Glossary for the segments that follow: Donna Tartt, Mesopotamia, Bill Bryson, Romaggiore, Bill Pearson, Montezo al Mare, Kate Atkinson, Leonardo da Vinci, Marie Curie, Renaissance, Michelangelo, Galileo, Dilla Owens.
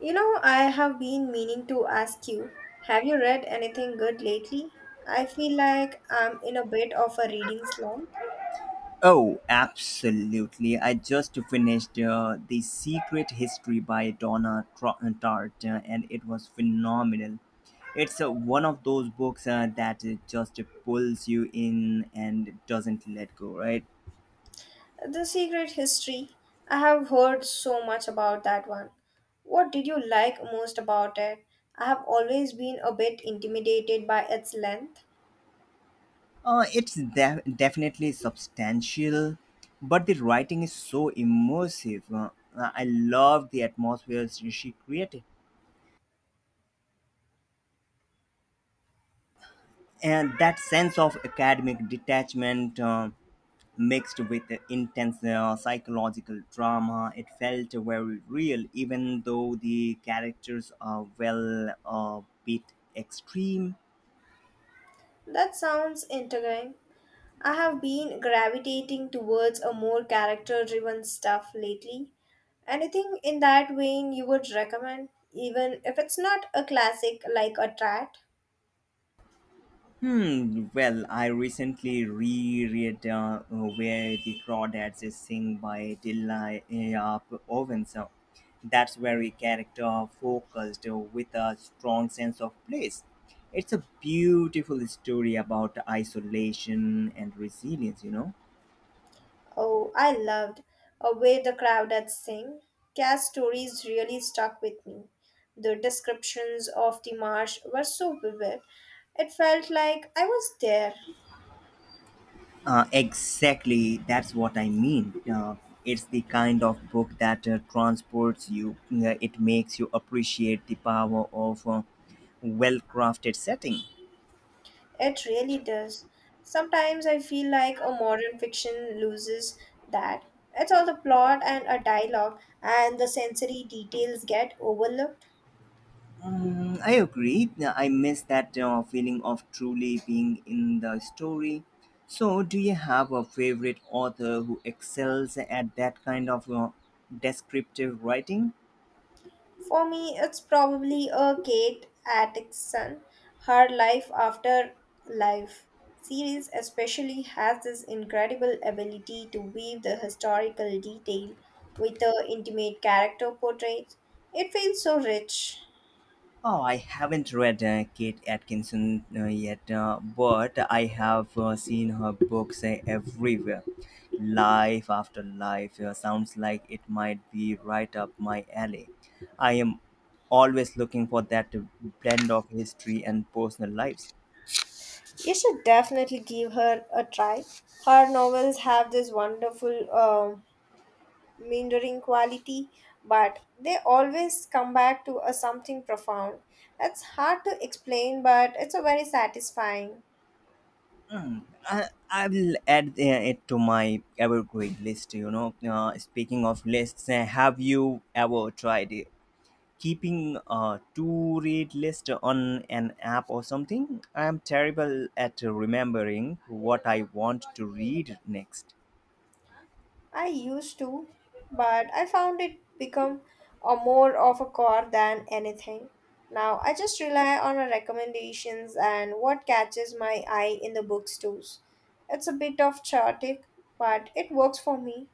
You know, I have been meaning to ask you, have you read anything good lately? I feel like I'm in a bit of a reading slump. Oh, absolutely. I just finished The Secret History by Donna Tartt, and it was phenomenal. It's one of those books that just pulls you in and doesn't let go, right? The Secret History, I have heard so much about that one. What did you like most about it? I have always been a bit intimidated by its length. It's definitely substantial, but the writing is so immersive. I love the atmospheres she created and that sense of academic detachment. Mixed with intense psychological drama. It felt very real, even though the characters are well a bit extreme. That sounds intriguing. I have been gravitating towards a more character driven stuff lately. Anything in that vein you would recommend, even if it's not a classic like a trat? Hmm. Well, I recently reread "Where the Crawdads Is Sing" by Dilla Owens. That's very character focused with a strong sense of place. It's a beautiful story about isolation and resilience. Oh, I loved Away the Crowd at Sing. Cass stories really stuck with me. The descriptions of the marsh were so vivid, it felt like I was there. Exactly, that's what I mean. It's the kind of book that transports you. It makes you appreciate the power of a well crafted setting. It really does. Sometimes I feel like a modern fiction loses that. It's all the plot and a dialogue, and the sensory details get overlooked. Mm, I agree. I miss that feeling of truly being in the story. So, do you have a favorite author who excels at that kind of descriptive writing? For me, it's probably a Kate Atkinson, her life after life series especially has this incredible ability to weave the historical detail with the intimate character portraits. It feels so rich. Oh, I haven't read Kate Atkinson yet, but I have seen her books everywhere. Life after life sounds like it might be right up my alley. I am always looking for that blend of history and personal lives. You should definitely give her a try. Her novels have this wonderful meandering quality, but they always come back to a something profound. It's hard to explain, but it's a very satisfying. I, I will add it to my evergreen list. Speaking of lists, have you ever tried it? Keeping a to read list on an app or something. I am terrible at remembering what I want to read next. I used to, but I found it become a more of a core than anything. Now I just rely on her recommendations and what catches my eye in the bookstores. It's a bit of chaotic, but it works for me.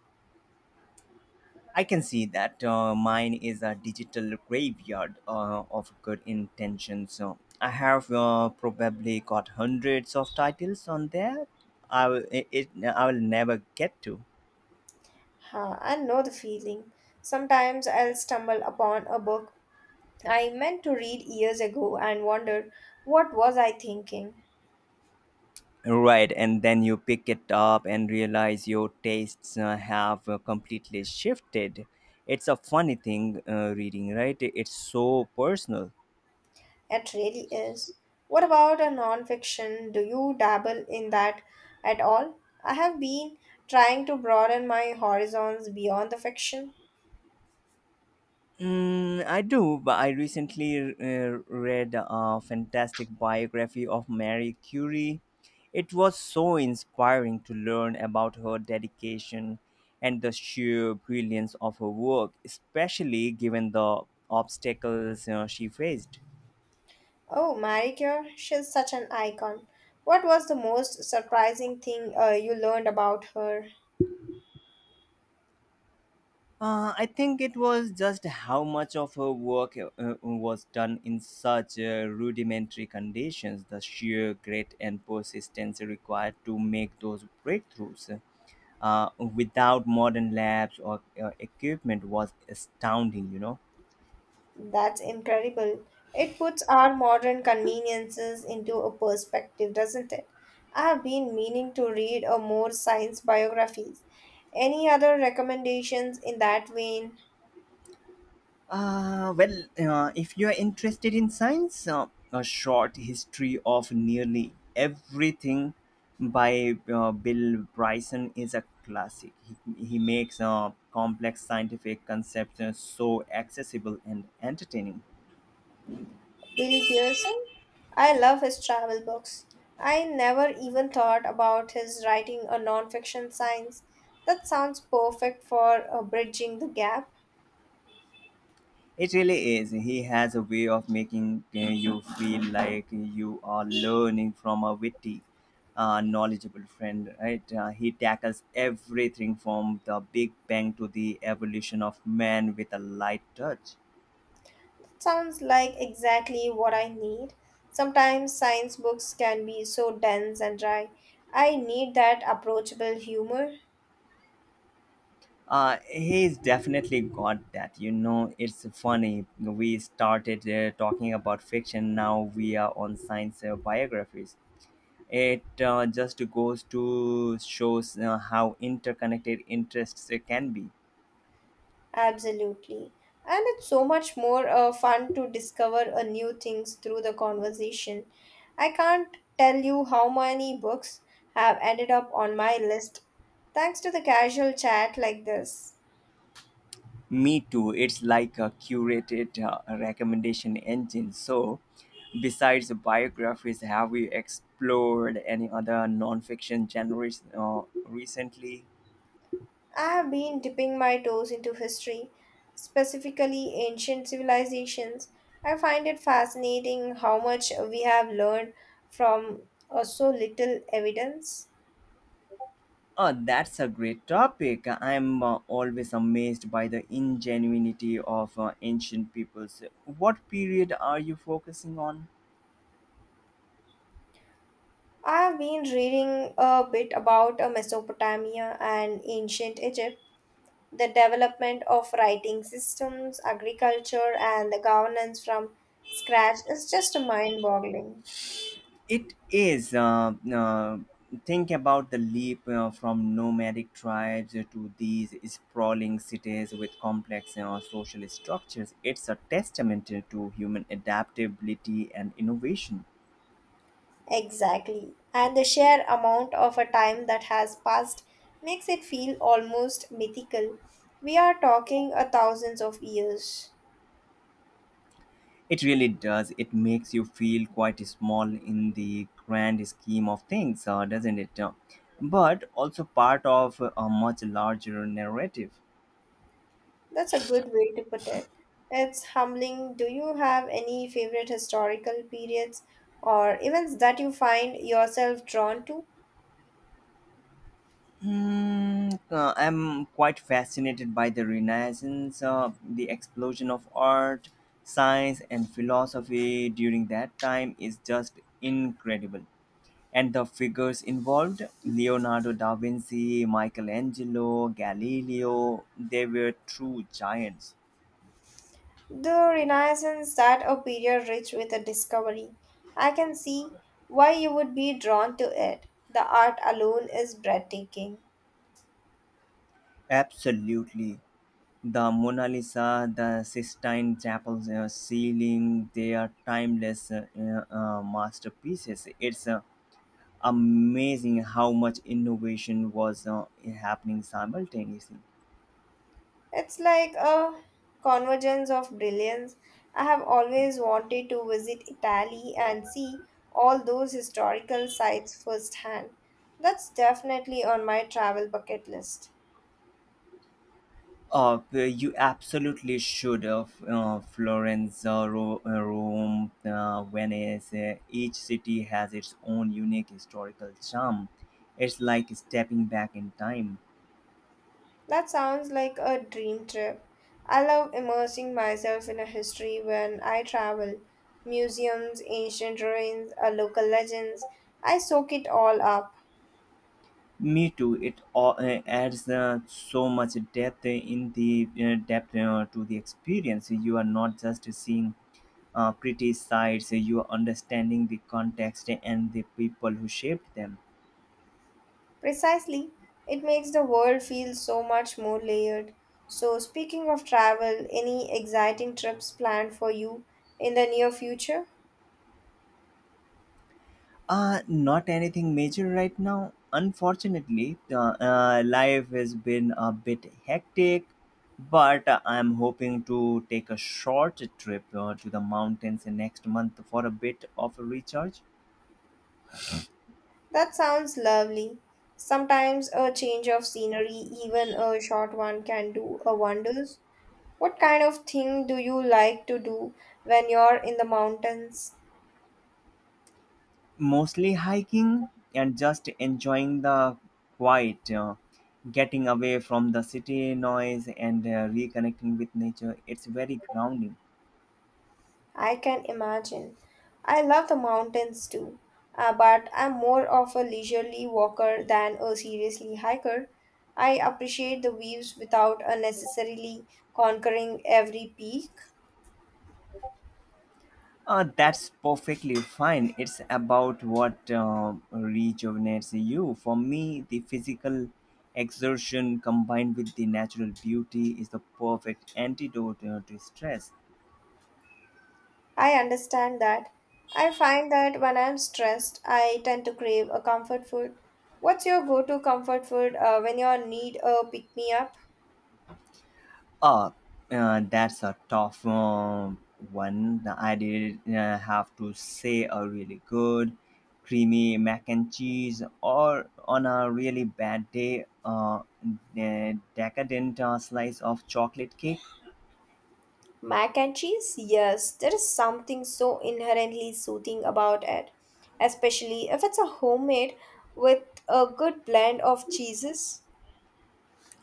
I can see that. Mine is a digital graveyard of good intentions. So I have probably got hundreds of titles on there. I will, I will never get to. Huh, I know the feeling. Sometimes I'll stumble upon a book I meant to read years ago and wonder what was I thinking. Right, and then you pick it up and realize your tastes have completely shifted. It's a funny thing, reading, right? It's so personal. It really is. What about a non-fiction? Do you dabble in that at all? I have been trying to broaden my horizons beyond the fiction. Mm, I do, but I recently read a fantastic biography of Marie Curie. It was so inspiring to learn about her dedication and the sheer brilliance of her work, especially given the obstacles she faced. Oh, Marie Curie, she's such an icon. What was the most surprising thing you learned about her? I think it was just how much of her work was done in such rudimentary conditions, the sheer grit and persistence required to make those breakthroughs. Without modern labs or equipment was astounding, you know. That's incredible. It puts our modern conveniences into a perspective, doesn't it? I have been meaning to read a more science biographies. Any other recommendations in that vein? Well, if you are interested in science, a short history of nearly everything by Bill Bryson is a classic. He makes complex scientific concepts so accessible and entertaining. Bill Pearson? I love his travel books. I never even thought about his writing a non-fiction science. That sounds perfect for bridging the gap. It really is. He has a way of making you feel like you are learning from a witty, knowledgeable friend, right? He tackles everything from the Big Bang to the evolution of man with a light touch. Sounds like exactly what I need. Sometimes science books can be so dense and dry. I need that approachable humor. He's definitely got that. You know, it's funny. We started talking about fiction, now we are on science biographies. It just goes to shows how interconnected interests can be. Absolutely. And it's so much more fun to discover new things through the conversation. I can't tell you how many books have ended up on my list thanks to the casual chat like this. Me too. It's like a curated recommendation engine. So, besides biographies, have you explored any other non-fiction genres recently? I have been dipping my toes into history, specifically ancient civilizations. I find it fascinating how much we have learned from so little evidence. Oh, that's a great topic. I'm always amazed by the ingenuity of ancient peoples. What period are you focusing on? I have been reading a bit about Mesopotamia and ancient Egypt, the development of writing systems, agriculture, and the governance from scratch is just mind boggling. It is. Think about the leap from nomadic tribes to these sprawling cities with complex social structures. It's a testament to human adaptability and innovation. Exactly. And the sheer amount of a time that has passed makes it feel almost mythical. We are talking a thousands of years. It really does. It makes you feel quite small in the grand scheme of things, doesn't it? But also part of a much larger narrative. That's a good way to put it. It's humbling. Do you have any favorite historical periods or events that you find yourself drawn to? Hmm, I'm quite fascinated by the Renaissance, the explosion of art, science, and philosophy during that time is just incredible. And the figures involved Leonardo da Vinci, Michelangelo, Galileo they were true giants. The Renaissance, that a period rich with a discovery. I can see why you would be drawn to it. The art alone is breathtaking. Absolutely. The Mona Lisa, the Sistine Chapel's ceiling, they are timeless masterpieces. It's a amazing how much innovation was happening simultaneously. It's like a convergence of brilliance. I have always wanted to visit Italy and see all those historical sites firsthand. That's definitely on my travel bucket list. You absolutely should have Florence, Rome, Venice. Each city has its own unique historical charm. It's like stepping back in time. That sounds like a dream trip. I love immersing myself in a history when I travel. Museums, ancient ruins, local legends. I soak it all up. Me too. It all, adds so much depth in the depth to the experience. You are not just seeing criticize your understanding the context and the people who shaped them. Precisely, it makes the world feel so much more layered. So, speaking of travel, any exciting trips planned for you in the near future? Not anything major right now. Unfortunately, the life has been a bit hectic, but I'm hoping to take a short trip to the mountains next month for a bit of a recharge. That sounds lovely. Sometimes a change of scenery, even a short one, can do a wonders. What kind of thing do you like to do when you're in the mountains? Mostly hiking and just enjoying the quiet, getting away from the city noise and reconnecting with nature. It's very grounding. I can imagine. I love the mountains too, but I'm more of a leisurely walker than a seriously hiker. I appreciate the views without unnecessarily conquering every peak. That's perfectly fine. It's about what rejuvenates you. For me, the physical exertion combined with the natural beauty is the perfect antidote to stress. I understand that. I find that when I'm stressed, I tend to crave a comfort food. What's your go to comfort food when you need a pick me up? Oh, that's a tough one. I did have to say a really good creamy mac and cheese, or on a really bad day, a decadent slice of chocolate cake. Mac and cheese? Yes, there is something so inherently soothing about it, especially if it's a homemade with a good blend of cheeses.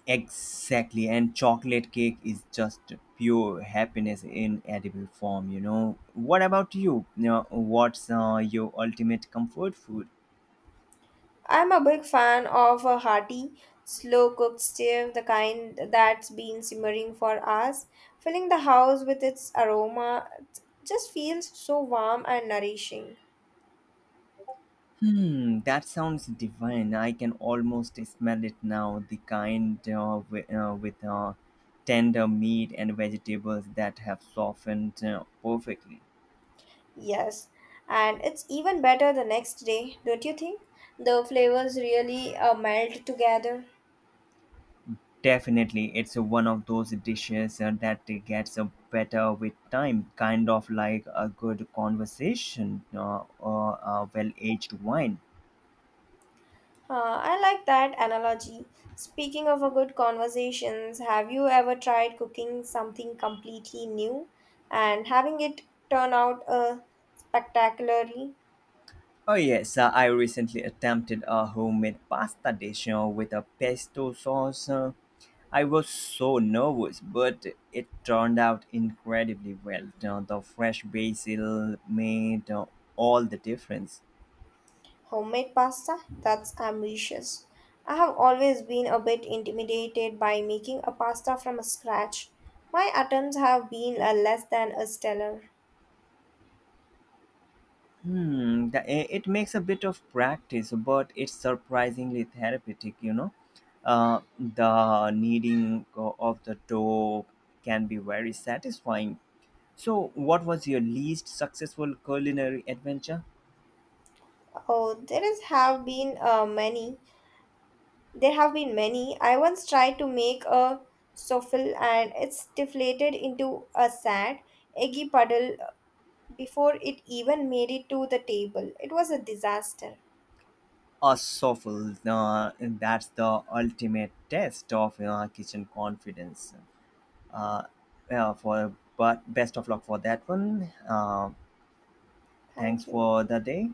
Exactly, and chocolate cake is just pure happiness in edible form. You know. What about you? What's your ultimate comfort food? I'm a big fan of a hearty, slow cooked stew, the kind that's been simmering for hours. Filling the house with its aroma it just feels so warm and nourishing. Hmm, that sounds divine. I can almost smell it now. The kind with tender meat and vegetables that have softened perfectly. Yes, and it's even better the next day, don't you think? The flavors really melt together. Definitely, it's one of those dishes that gets better with time, kind of like a good conversation or a well aged wine. Huh, I like that analogy. Speaking of a good conversations, have you ever tried cooking something completely new and having it turn out spectacularly? Oh, yes, I recently attempted a homemade pasta dish with a pesto sauce. I was so nervous, but it turned out incredibly well. Now, the fresh basil made all the difference. Homemade pasta? That's ambitious. I have always been a bit intimidated by making a pasta from scratch. My attempts have been less than a stellar. It makes a bit of practice, but it's surprisingly therapeutic, you know. The kneading of the dough can be very satisfying. So, what was your least successful culinary adventure? Oh, there is have been many. There have been many. I once tried to make a souffle and it's deflated into a sad, eggy puddle before it even made it to the table. It was a disaster. A souffle, that's the ultimate test of kitchen confidence. uh, for but best of luck for that one. Thanks Thank you. for the day.